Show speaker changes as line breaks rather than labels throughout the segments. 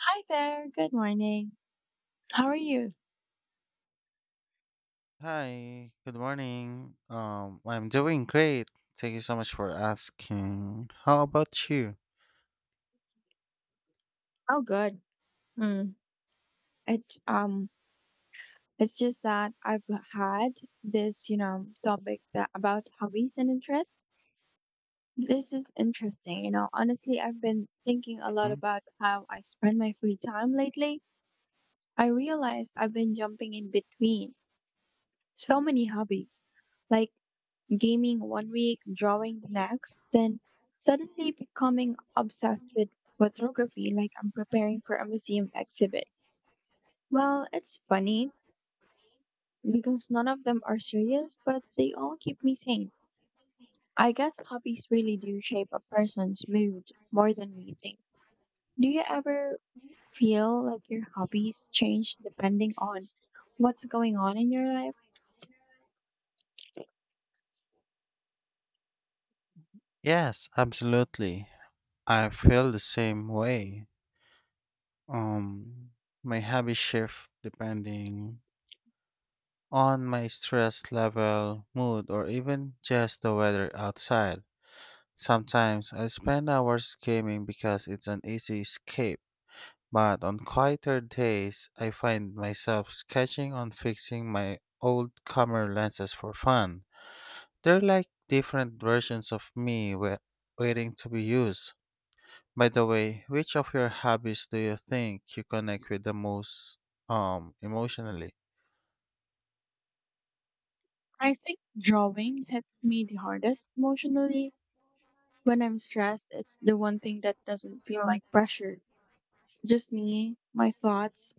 Hi there. Good morning. How are you?
Hi, good morning. I'm doing great. Thank you so much for asking. How about you?
Oh, good. Mm. It's um, it's just that I've had this topic that about hobbies and interests. This is interesting. Honestly, I've been thinking a lot
Mhm.
about how I spend my free time lately. I realized I've been jumping in between so many hobbies, like gaming one week, drawing the next, then suddenly becoming obsessed with photography, like I'm preparing for a museum exhibit. Well, it's funny because none of them are serious, but they all keep me sane. I guess hobbies really do shape a person's mood more than we think. Do you ever feel like your hobbies change depending on what's going on in your life?
Yes, absolutely. I feel the same way. Um, my habits shift depending on my stress level, mood, or even just the weather outside. Sometimes I spend hours gaming because it's an easy escape. But on quieter days, I find myself sketching on fixing my old camera lenses for fun. They're like different versions of me waiting to be used. By the way, which of your hobbies do you think you connect with the most emotionally?
I think drawing hits me the hardest emotionally. When I'm stressed, it's the one thing that doesn't feel like pressure. Just me, my thoughts,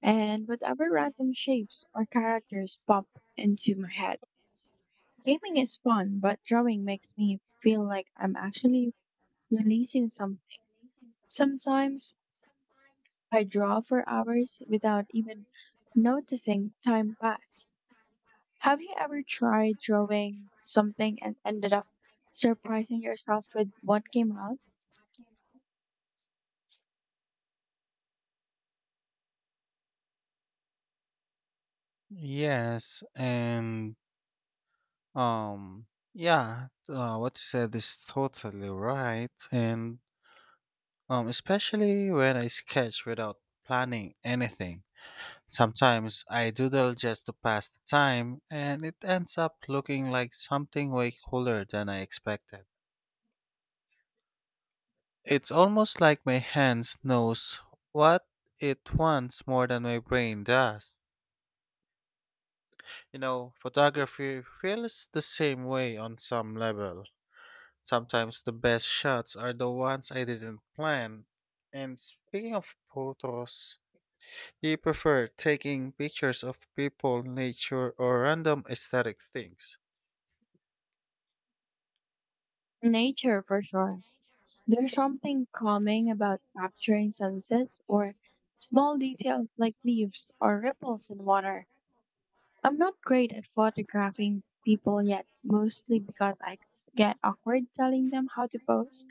and whatever random shapes or characters pop into my head. Gaming is fun, but drawing makes me feel like I'm actually releasing something. Sometimes I draw for hours without even noticing time pass. Have you ever tried drawing something and ended up surprising yourself with what came out?
Yes, and um yeah, what you said is totally right, and especially when I sketch without planning anything. Sometimes I doodle just to pass the time, and it ends up looking like something way cooler than I expected. It's almost like my hands knows what it wants more than my brain does. You know, photography feels the same way on some level. Sometimes the best shots are the ones I didn't plan. And speaking of photos, you prefer taking pictures of people, nature, or random aesthetic things.
Nature, for sure. There's something calming about capturing sunsets or small details like leaves or ripples in water. I'm not great at photographing people yet, mostly because I get awkward telling them how to pose.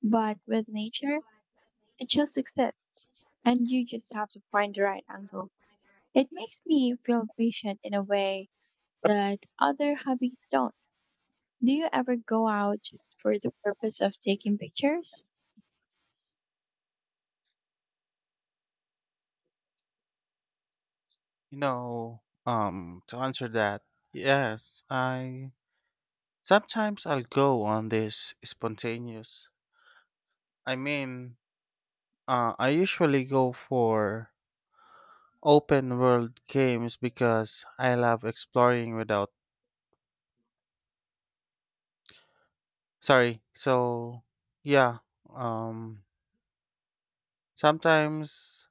But with nature, it just exists. And you just have to find the right angle. It makes me feel patient in a way that other hobbies don't. Do you ever go out just for the purpose of taking pictures?
To answer that, yes, I sometimes I'll go on this spontaneous. I mean, I usually go for open world games because I love exploring without. Sorry. Yeah, um, sometimes,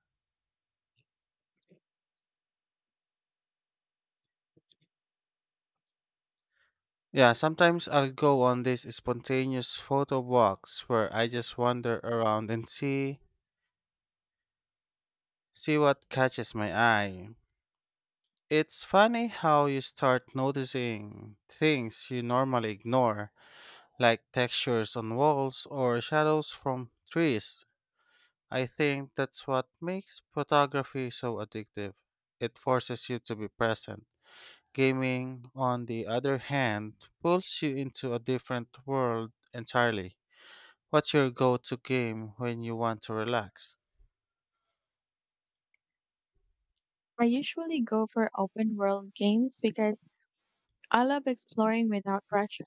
yeah, sometimes I'll go on these spontaneous photo walks where I just wander around and see what catches my eye. It's funny how you start noticing things you normally ignore, like textures on walls or shadows from trees. I think that's what makes photography so addictive. It forces you to be present. Gaming, on the other hand, pulls you into a different world entirely. What's your go to game when you want to relax?
I usually go for open world games because I love exploring without pressure.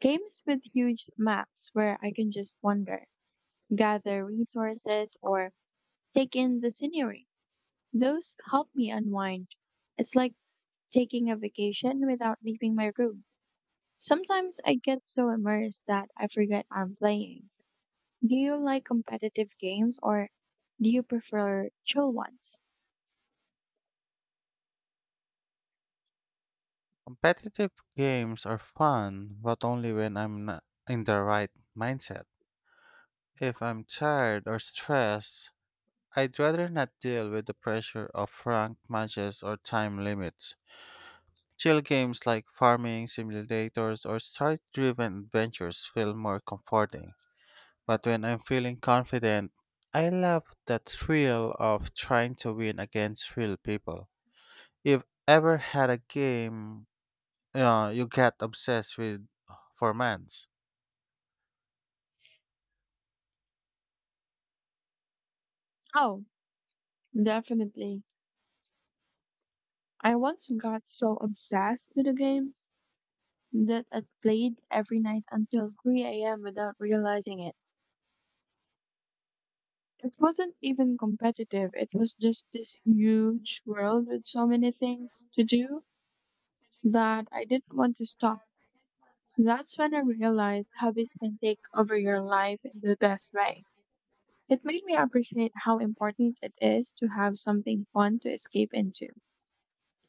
Games with huge maps where I can just wander, gather resources, or take in the scenery. Those help me unwind. It's like taking a vacation without leaving my room. Sometimes I get so immersed that I forget I'm playing. Do you like competitive games or do you prefer chill ones?
Competitive games are fun, but only when I'm not in the right mindset. If I'm tired or stressed, I'd rather not deal with the pressure of ranked matches or time limits. Chill games like farming simulators or story driven adventures feel more comforting. But when I'm feeling confident, I love that thrill of trying to win against real people. You've ever had a game you got obsessed with for months?
Oh, definitely. I once got so obsessed with a game that I played every night until 3 a.m. without realizing it. It wasn't even competitive. It was just this huge world with so many things to do that I didn't want to stop. That's when I realized hobbies can take over your life in the best way. It made me appreciate how important it is to have something fun to escape into.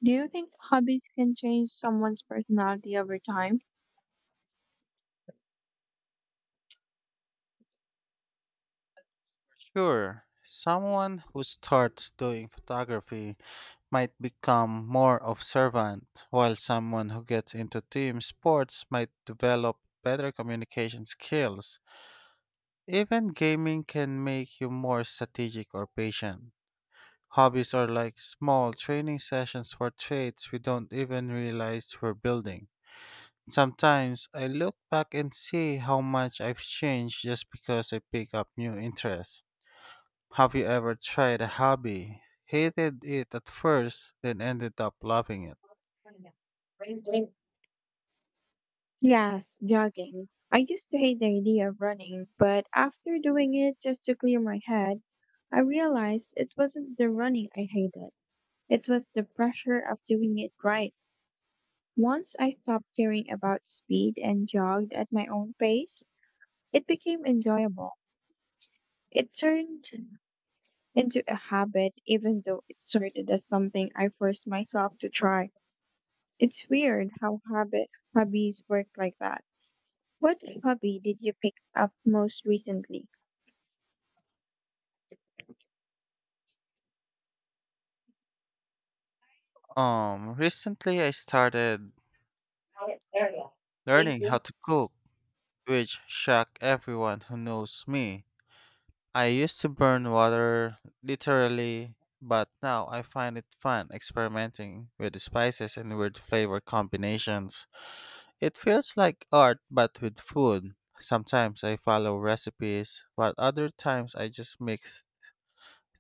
Do you think hobbies can change someone's personality over time?
Sure, someone who starts doing photography might become more observant, while someone who gets into team sports might develop better communication skills. Even gaming can make you more strategic or patient. Hobbies are like small training sessions for traits we don't even realize we're building. Sometimes I look back and see how much I've changed just because I pick up new interests. Have you ever tried a hobby, hated it at first, then ended up loving it?
Yes, jogging. I used to hate the idea of running, but after doing it just to clear my head, I realized it wasn't the running I hated. It was the pressure of doing it right. Once I stopped caring about speed and jogged at my own pace, it became enjoyable. It turned into a habit, even though it started as something I forced myself to try. It's weird how habit hobbies work like that. What hobby did you pick up most recently?
Recently I started learning how to cook, which shocked everyone who knows me. I used to burn water literally, but now I find it fun experimenting with the spices and weird flavor combinations. It feels like art but with food. Sometimes I follow recipes, but other times I just mix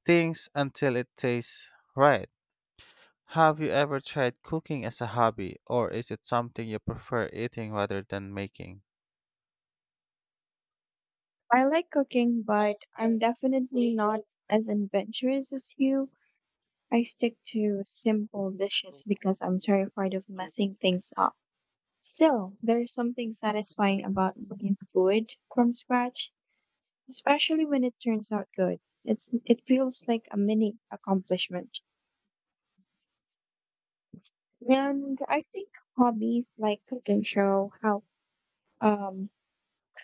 things until it tastes right. Have you ever tried cooking as a hobby, or is it something you prefer eating rather than making?
I like cooking, but I'm definitely not as adventurous as you. I stick to simple dishes because I'm terrified of messing things up. Still, there's something satisfying about making food from scratch, especially when it turns out good. It feels like a mini accomplishment. And I think hobbies like cooking show um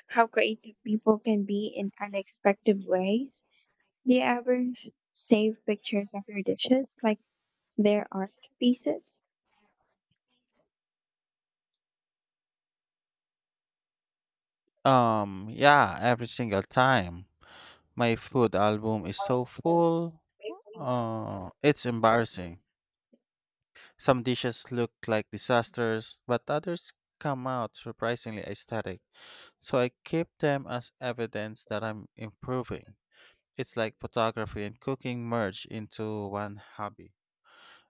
how creative people can be in unexpected ways. Do you ever save pictures of your dishes, like their art pieces?
Yeah, every single time. My food album is so full. It's embarrassing. Some dishes look like disasters, but others come out surprisingly aesthetic. So I keep them as evidence that I'm improving. It's like photography and cooking merge into one hobby.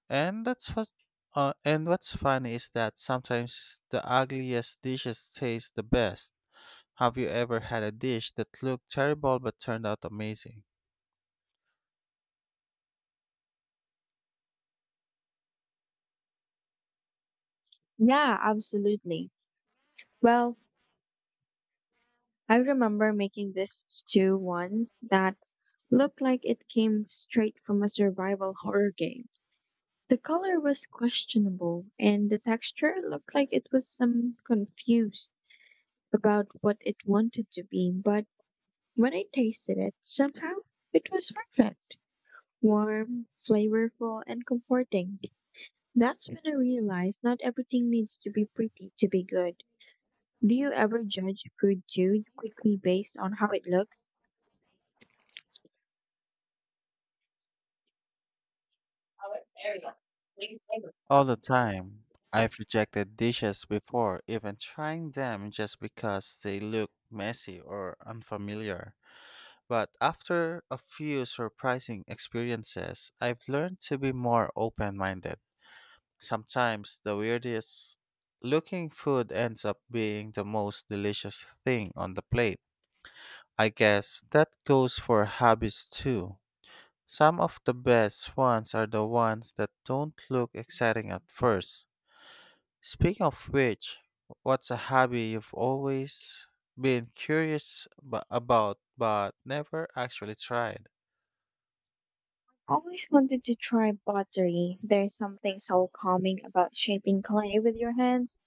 And that's what and what's funny is that sometimes the ugliest dishes taste the best. Have you ever had a dish that looked terrible but turned out amazing?
Yeah, absolutely. Well, I remember making this stew once that looked like it came straight from a survival horror game. The color was questionable, and the texture looked like it was some confused about what it wanted to be, but when I tasted it, somehow it was perfect, warm, flavorful, and comforting. That's when I realized not everything needs to be pretty to be good. Do you ever judge food too quickly based on how it looks?
All the time. I've rejected dishes before, even trying them just because they look messy or unfamiliar. But after a few surprising experiences, I've learned to be more open minded. Sometimes the weirdest looking food ends up being the most delicious thing on the plate. I guess that goes for hobbies too. Some of the best ones are the ones that don't look exciting at first. Speaking of which, what's a hobby you've always been curious about but never actually tried?
Always wanted to try pottery. There's something so calming about shaping clay with your hands,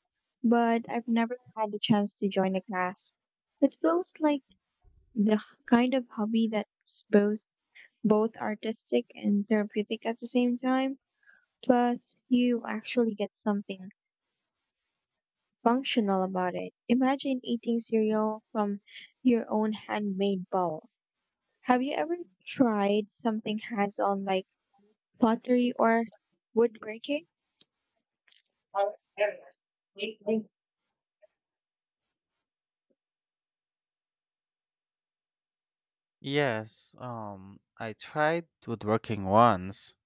but I've never had the chance to join a class. It feels like the kind of hobby that's both artistic and therapeutic at the same time. Plus, you actually get something functional about it. Imagine eating cereal from your own handmade bowl. Have you ever tried something hands on like pottery or woodworking?
Yes, I tried woodworking once.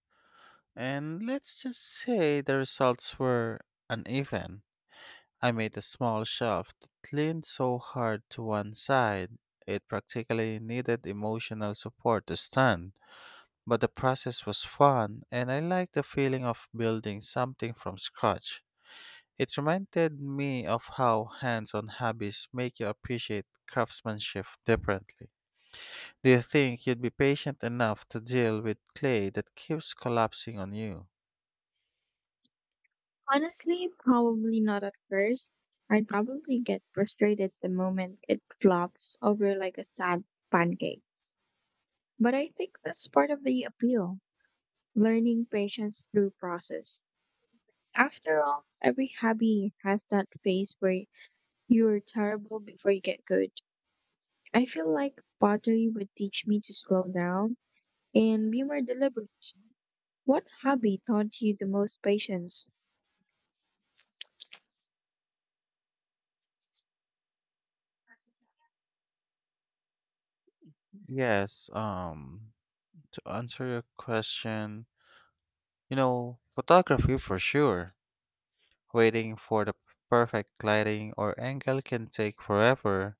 And let's just say the results were uneven. I made a small shelf that leaned so hard to one side, it practically needed emotional support to stand. But the process was fun, and I liked the feeling of building something from scratch. It reminded me of how hands on hobbies make you appreciate craftsmanship differently. Do you think you'd be patient enough to deal with clay that keeps collapsing on you?
Honestly, probably not at first. I'd probably get frustrated the moment it flops over like a sad pancake. But I think that's part of the appeal learning patience through process. After all, every hobby has that phase where you're terrible before you get good. I feel like pottery would teach me to slow down and be more deliberate. What hobby taught you the most patience?
Yes, to answer your question, you know, photography for sure. Waiting for the perfect lighting or angle can take forever.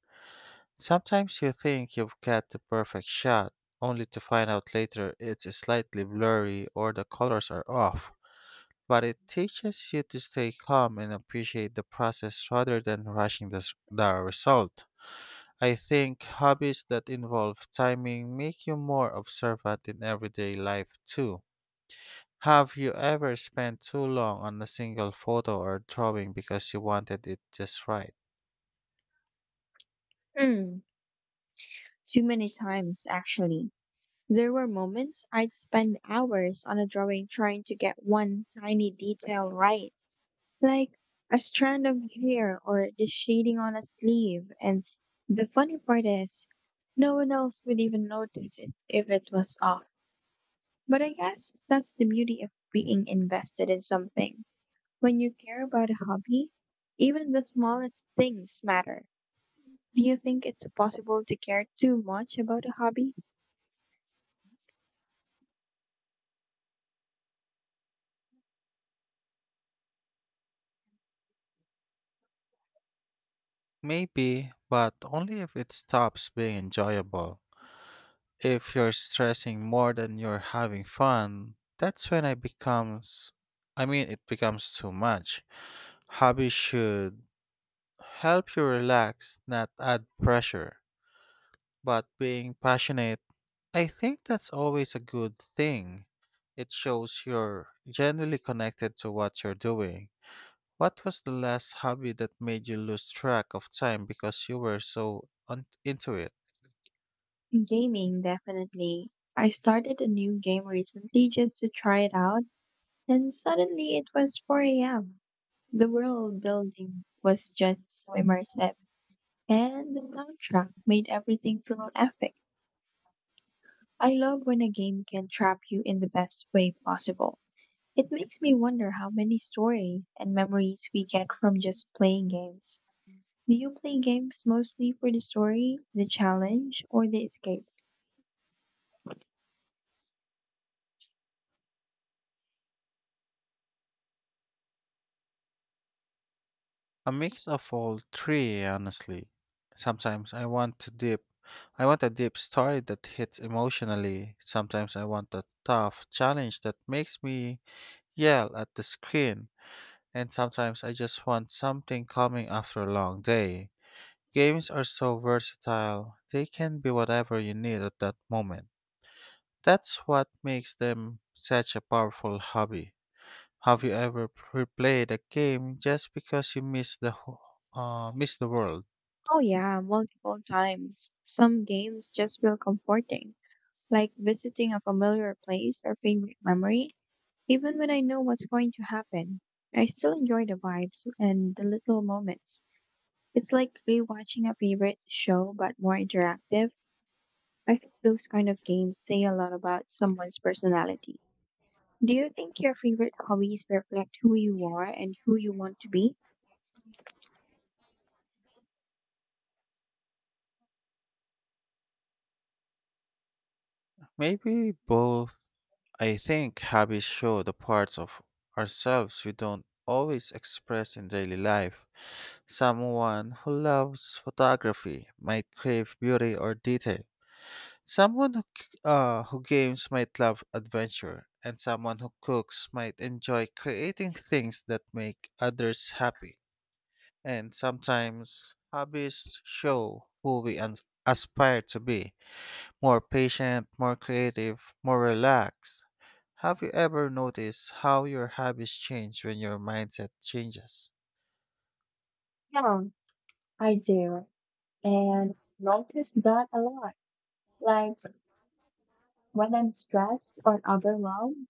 Sometimes you think you've got the perfect shot, only to find out later it's slightly blurry or the colors are off. But it teaches you to stay calm and appreciate the process rather than rushing the result. I think hobbies that involve timing make you more observant in everyday life too. Have you ever spent too long on a single photo or drawing because you wanted it just right?
Mm, too many times, actually. There were moments I'd spend hours on a drawing trying to get one tiny detail right, like a strand of hair or the shading on a sleeve. And the funny part is, no one else would even notice it if it was off. But I guess that's the beauty of being invested in something. When you care about a hobby, even the smallest things matter. Do you think it's possible to care too much about a hobby?
Maybe, but only if it stops being enjoyable. If you're stressing more than you're having fun, that's when it becomes too much. Hobbies should help you relax, not add pressure. But being passionate, I think that's always a good thing. It shows you're genuinely connected to what you're doing. What was the last hobby that made you lose track of time because you were so into it?
Gaming, definitely. I started a new game recently just to try it out, and suddenly it was 4 a.m. The world building was just so immersive, and the soundtrack made everything feel epic. I love when a game can trap you in the best way possible. It makes me wonder how many stories and memories we get from just playing games. Do you play games mostly for the story, the challenge, or the escape?
A mix of all three, honestly. Sometimes I want to dip. I want a deep story that hits emotionally. Sometimes I want a tough challenge that makes me yell at the screen. And sometimes I just want something calming after a long day. Games are so versatile, they can be whatever you need at that moment. That's what makes them such a powerful hobby. Have you ever replayed a game just because you miss the world?
Oh yeah, multiple times. Some games just feel comforting, like visiting a familiar place or favorite memory. Even when I know what's going to happen, I still enjoy the vibes and the little moments. It's like rewatching a favorite show but more interactive. I think those kind of games say a lot about someone's personality. Do you think your favorite hobbies reflect who you are and who you want to be?
Maybe both. I think hobbies show the parts of ourselves we don't always express in daily life. Someone who loves photography might crave beauty or detail. Someone who games might love adventure, and someone who cooks might enjoy creating things that make others happy. And sometimes hobbies show who aspire to be more patient, more creative, more relaxed. Have you ever noticed how your habits change when your mindset changes?
Yeah, I do. And notice that a lot. Like when I'm stressed or overwhelmed,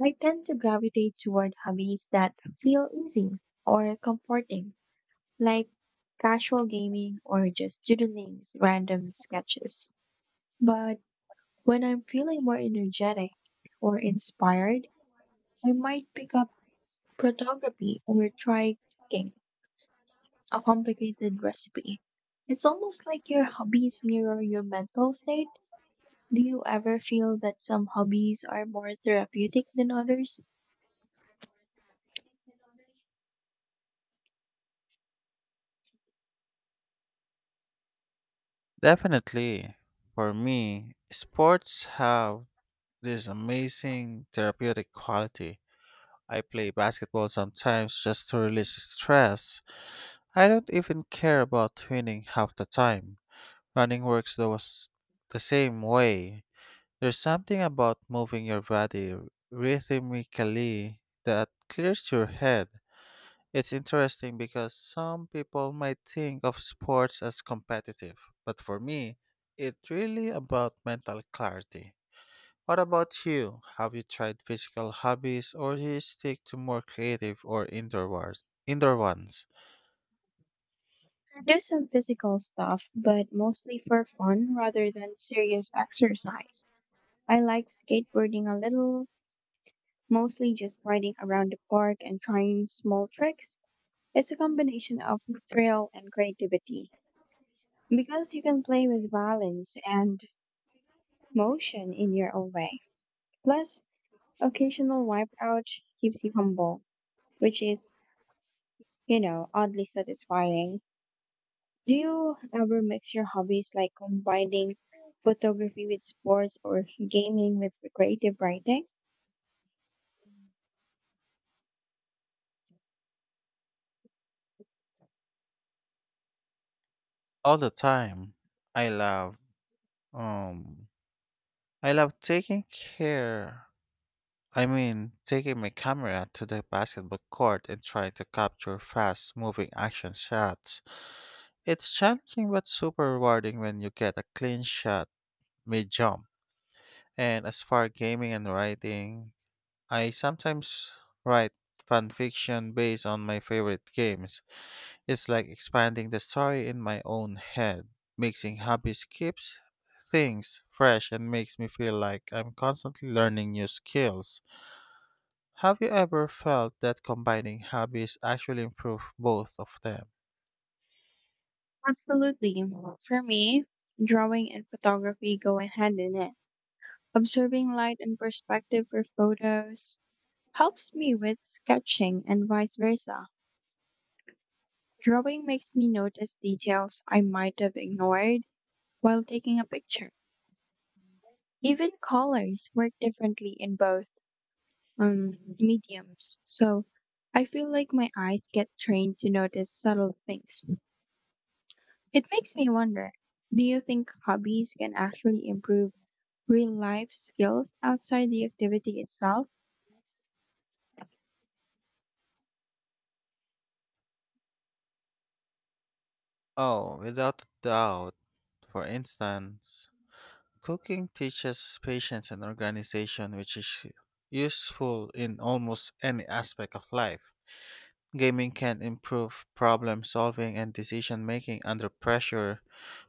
I tend to gravitate toward hobbies that feel easy or comforting, like casual gaming or just doodling random sketches. But when I'm feeling more energetic or inspired, I might pick up photography or try cooking a complicated recipe. It's almost like your hobbies mirror your mental state. Do you ever feel that some hobbies are more therapeutic than others?
Definitely. For me, sports have this amazing therapeutic quality. I play basketball sometimes just to release stress. I don't even care about winning half the time. Running works the same way. There's something about moving your body rhythmically that clears your head. It's interesting because some people might think of sports as competitive, but for me, it's really about mental clarity. What about you? Have you tried physical hobbies, or do you stick to more creative or indoor ones?
I do some physical stuff, but mostly for fun rather than serious exercise. I like skateboarding a little, mostly just riding around the park and trying small tricks. It's a combination of thrill and creativity because you can play with balance and motion in your own way. Plus, occasional wipeout keeps you humble, which is oddly satisfying. Do you ever mix your hobbies like combining photography with sports or gaming with creative writing?
All the time. I love um I love taking care I mean taking my camera to the basketball court and trying to capture fast moving action shots. It's challenging but super rewarding when you get a clean shot mid jump. And as far gaming and writing, I sometimes write fan fiction based on my favorite games. It's like expanding the story in my own head. Mixing hobbies keeps things fresh and makes me feel like I'm constantly learning new skills. Have you ever felt that combining hobbies actually improve both of them?
Absolutely. For me, drawing and photography go hand in hand. Observing light and perspective for photos helps me with sketching and vice versa. Drawing makes me notice details I might have ignored while taking a picture. Even colors work differently in both um, mediums, so I feel like my eyes get trained to notice subtle things. It makes me wonder, do you think hobbies can actually improve real life skills outside the activity itself?
Oh, without a doubt. For instance, cooking teaches patience and organization, which is useful in almost any aspect of life. Gaming can improve problem solving and decision making under pressure.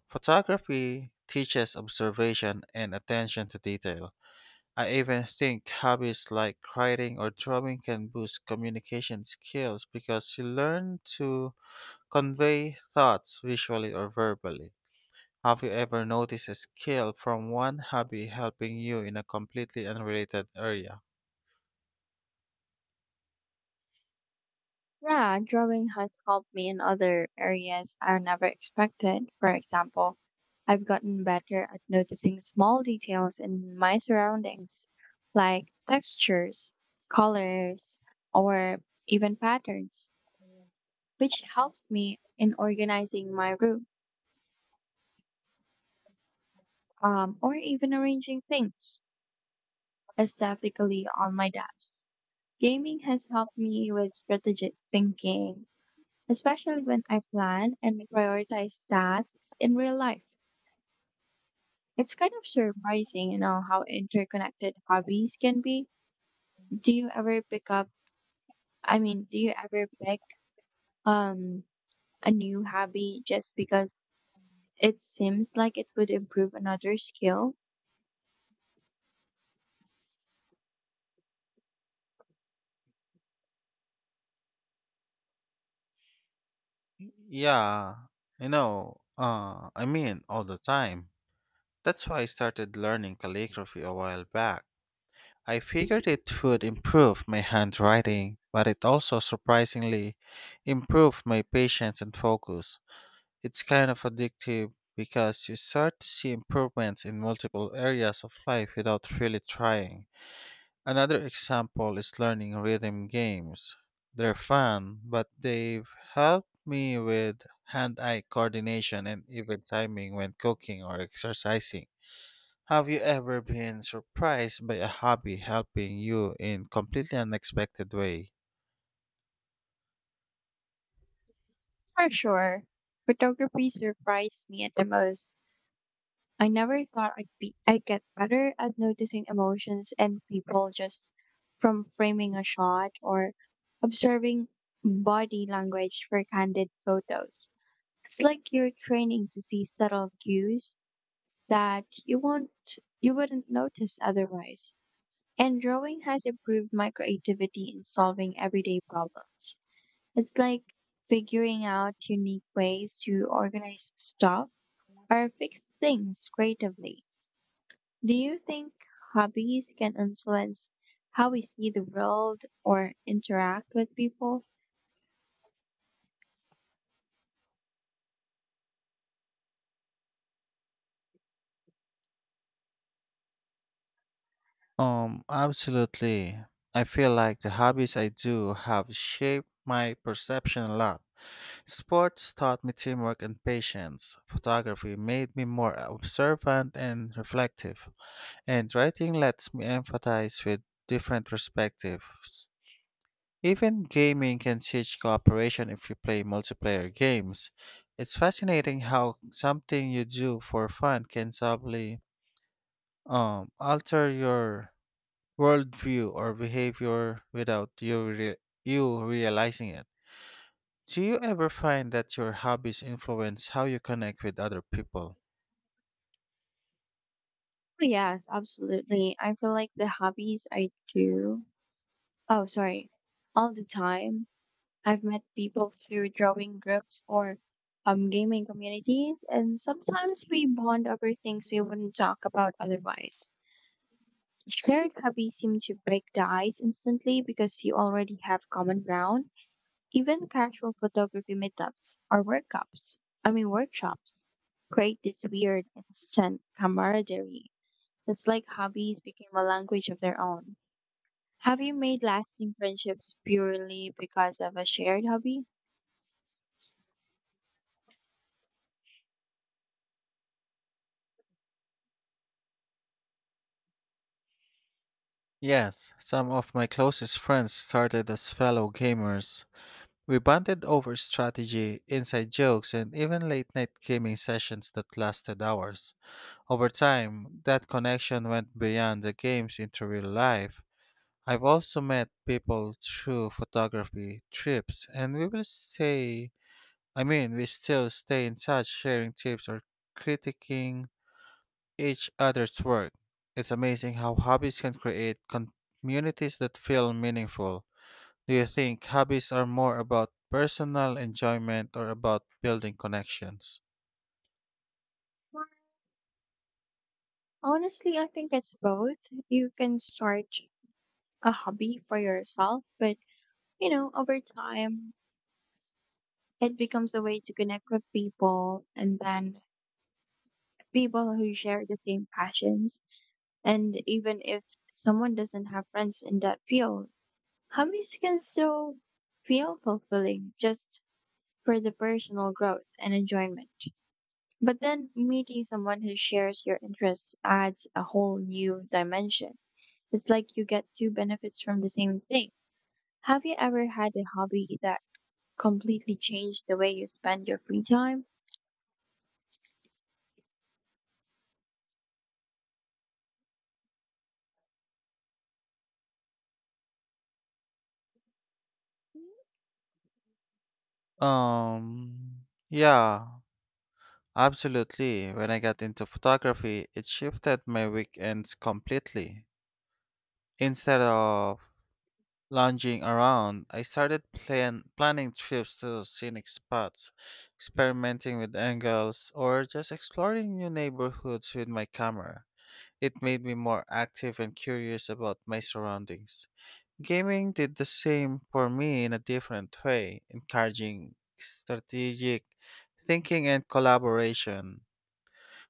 Photography teaches observation and attention to detail. I even think hobbies like writing or drawing can boost communication skills because you learn to convey thoughts visually or verbally. Have you ever noticed a skill from one hobby helping you in a completely unrelated area?
Yeah, drawing has helped me in other areas I never expected. For example, I've gotten better at noticing small details in my surroundings, like textures, colors, or even patterns, which helps me in organizing my room, or even arranging things aesthetically on my desk. Gaming has helped me with strategic thinking, especially when I plan and prioritize tasks in real life. It's kind of surprising how interconnected hobbies can be. Do you ever pick up, I mean, do you ever pick um, a new hobby just because it seems like it would improve another skill?
Yeah, all the time. That's why I started learning calligraphy a while back. I figured it would improve my handwriting, but it also surprisingly improved my patience and focus. It's kind of addictive because you start to see improvements in multiple areas of life without really trying. Another example is learning rhythm games. They're fun, but they've helped me with hand eye coordination and even timing when cooking or exercising. Have you ever been surprised by a hobby helping you in completely unexpected way?
For sure. Photography surprised me at the most. I never thought I'd get better at noticing emotions and people just from framing a shot or observing body language for candid photos. It's like you're training to see subtle cues that you wouldn't notice otherwise. And drawing has improved my creativity in solving everyday problems. It's like figuring out unique ways to organize stuff or fix things creatively. Do you think hobbies can influence how we see the world or interact with people?
Absolutely. I feel like the hobbies I do have shaped my perception a lot. Sports taught me teamwork and patience. Photography made me more observant and reflective. And writing lets me empathize with different perspectives. Even gaming can teach cooperation if you play multiplayer games. It's fascinating how something you do for fun can subtly alter your worldview or behavior without you realizing it. Do you ever find that your hobbies influence how you connect with other people?
Oh, yes, absolutely. I feel like the hobbies I do, oh, sorry, all the time. I've met people through drawing groups or gaming communities, and sometimes we bond over things we wouldn't talk about otherwise. Shared hobbies seem to break the ice instantly because you already have common ground. Even casual photography meetups or workshops, I mean workshops, create this weird instant camaraderie. It's like hobbies became a language of their own. Have you made lasting friendships purely because of a shared hobby?
Yes, some of my closest friends started as fellow gamers. We bonded over strategy, inside jokes, and even late night gaming sessions that lasted hours. Over time, that connection went beyond the games into real life. I've also met people through photography trips, and we will stay, I mean, we still stay in touch, sharing tips or critiquing each other's work. It's amazing how hobbies can create communities that feel meaningful. Do you think hobbies are more about personal enjoyment or about building connections?
Honestly, I think it's both. You can start a hobby for yourself, but over time it becomes a way to connect with people and then people who share the same passions. And even if someone doesn't have friends in that field, hobbies can still feel fulfilling just for the personal growth and enjoyment. But then meeting someone who shares your interests adds a whole new dimension. It's like you get two benefits from the same thing. Have you ever had a hobby that completely changed the way you spend your free time?
Um, yeah, absolutely. When I got into photography, it shifted my weekends completely. Instead of lounging around, I started planning trips to scenic spots, experimenting with angles, or just exploring new neighborhoods with my camera. It made me more active and curious about my surroundings. Gaming did the same for me in a different way, encouraging strategic thinking and collaboration.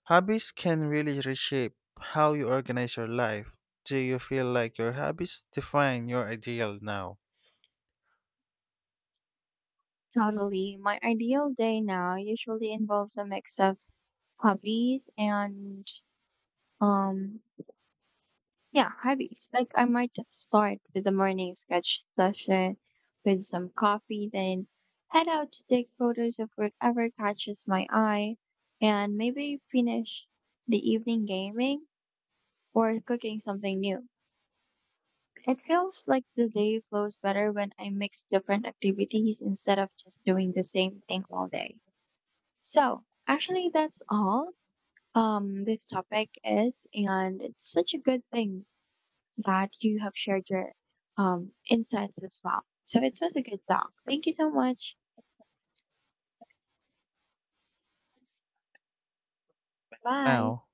Hobbies can really reshape how you organize your life. Do you feel like your hobbies define your ideal now?
Totally. My ideal day now usually involves a mix of hobbies and um yeah, hobbies. Like I might just start with a morning sketch session with some coffee, then head out to take photos of whatever catches my eye and maybe finish the evening gaming or cooking something new. It feels like the day flows better when I mix different activities instead of just doing the same thing all day. So, actually, that's all this topic is, and it's such a good thing that you have shared your insights as well. So, it was a good talk. Thank you so much. Bye.
Now?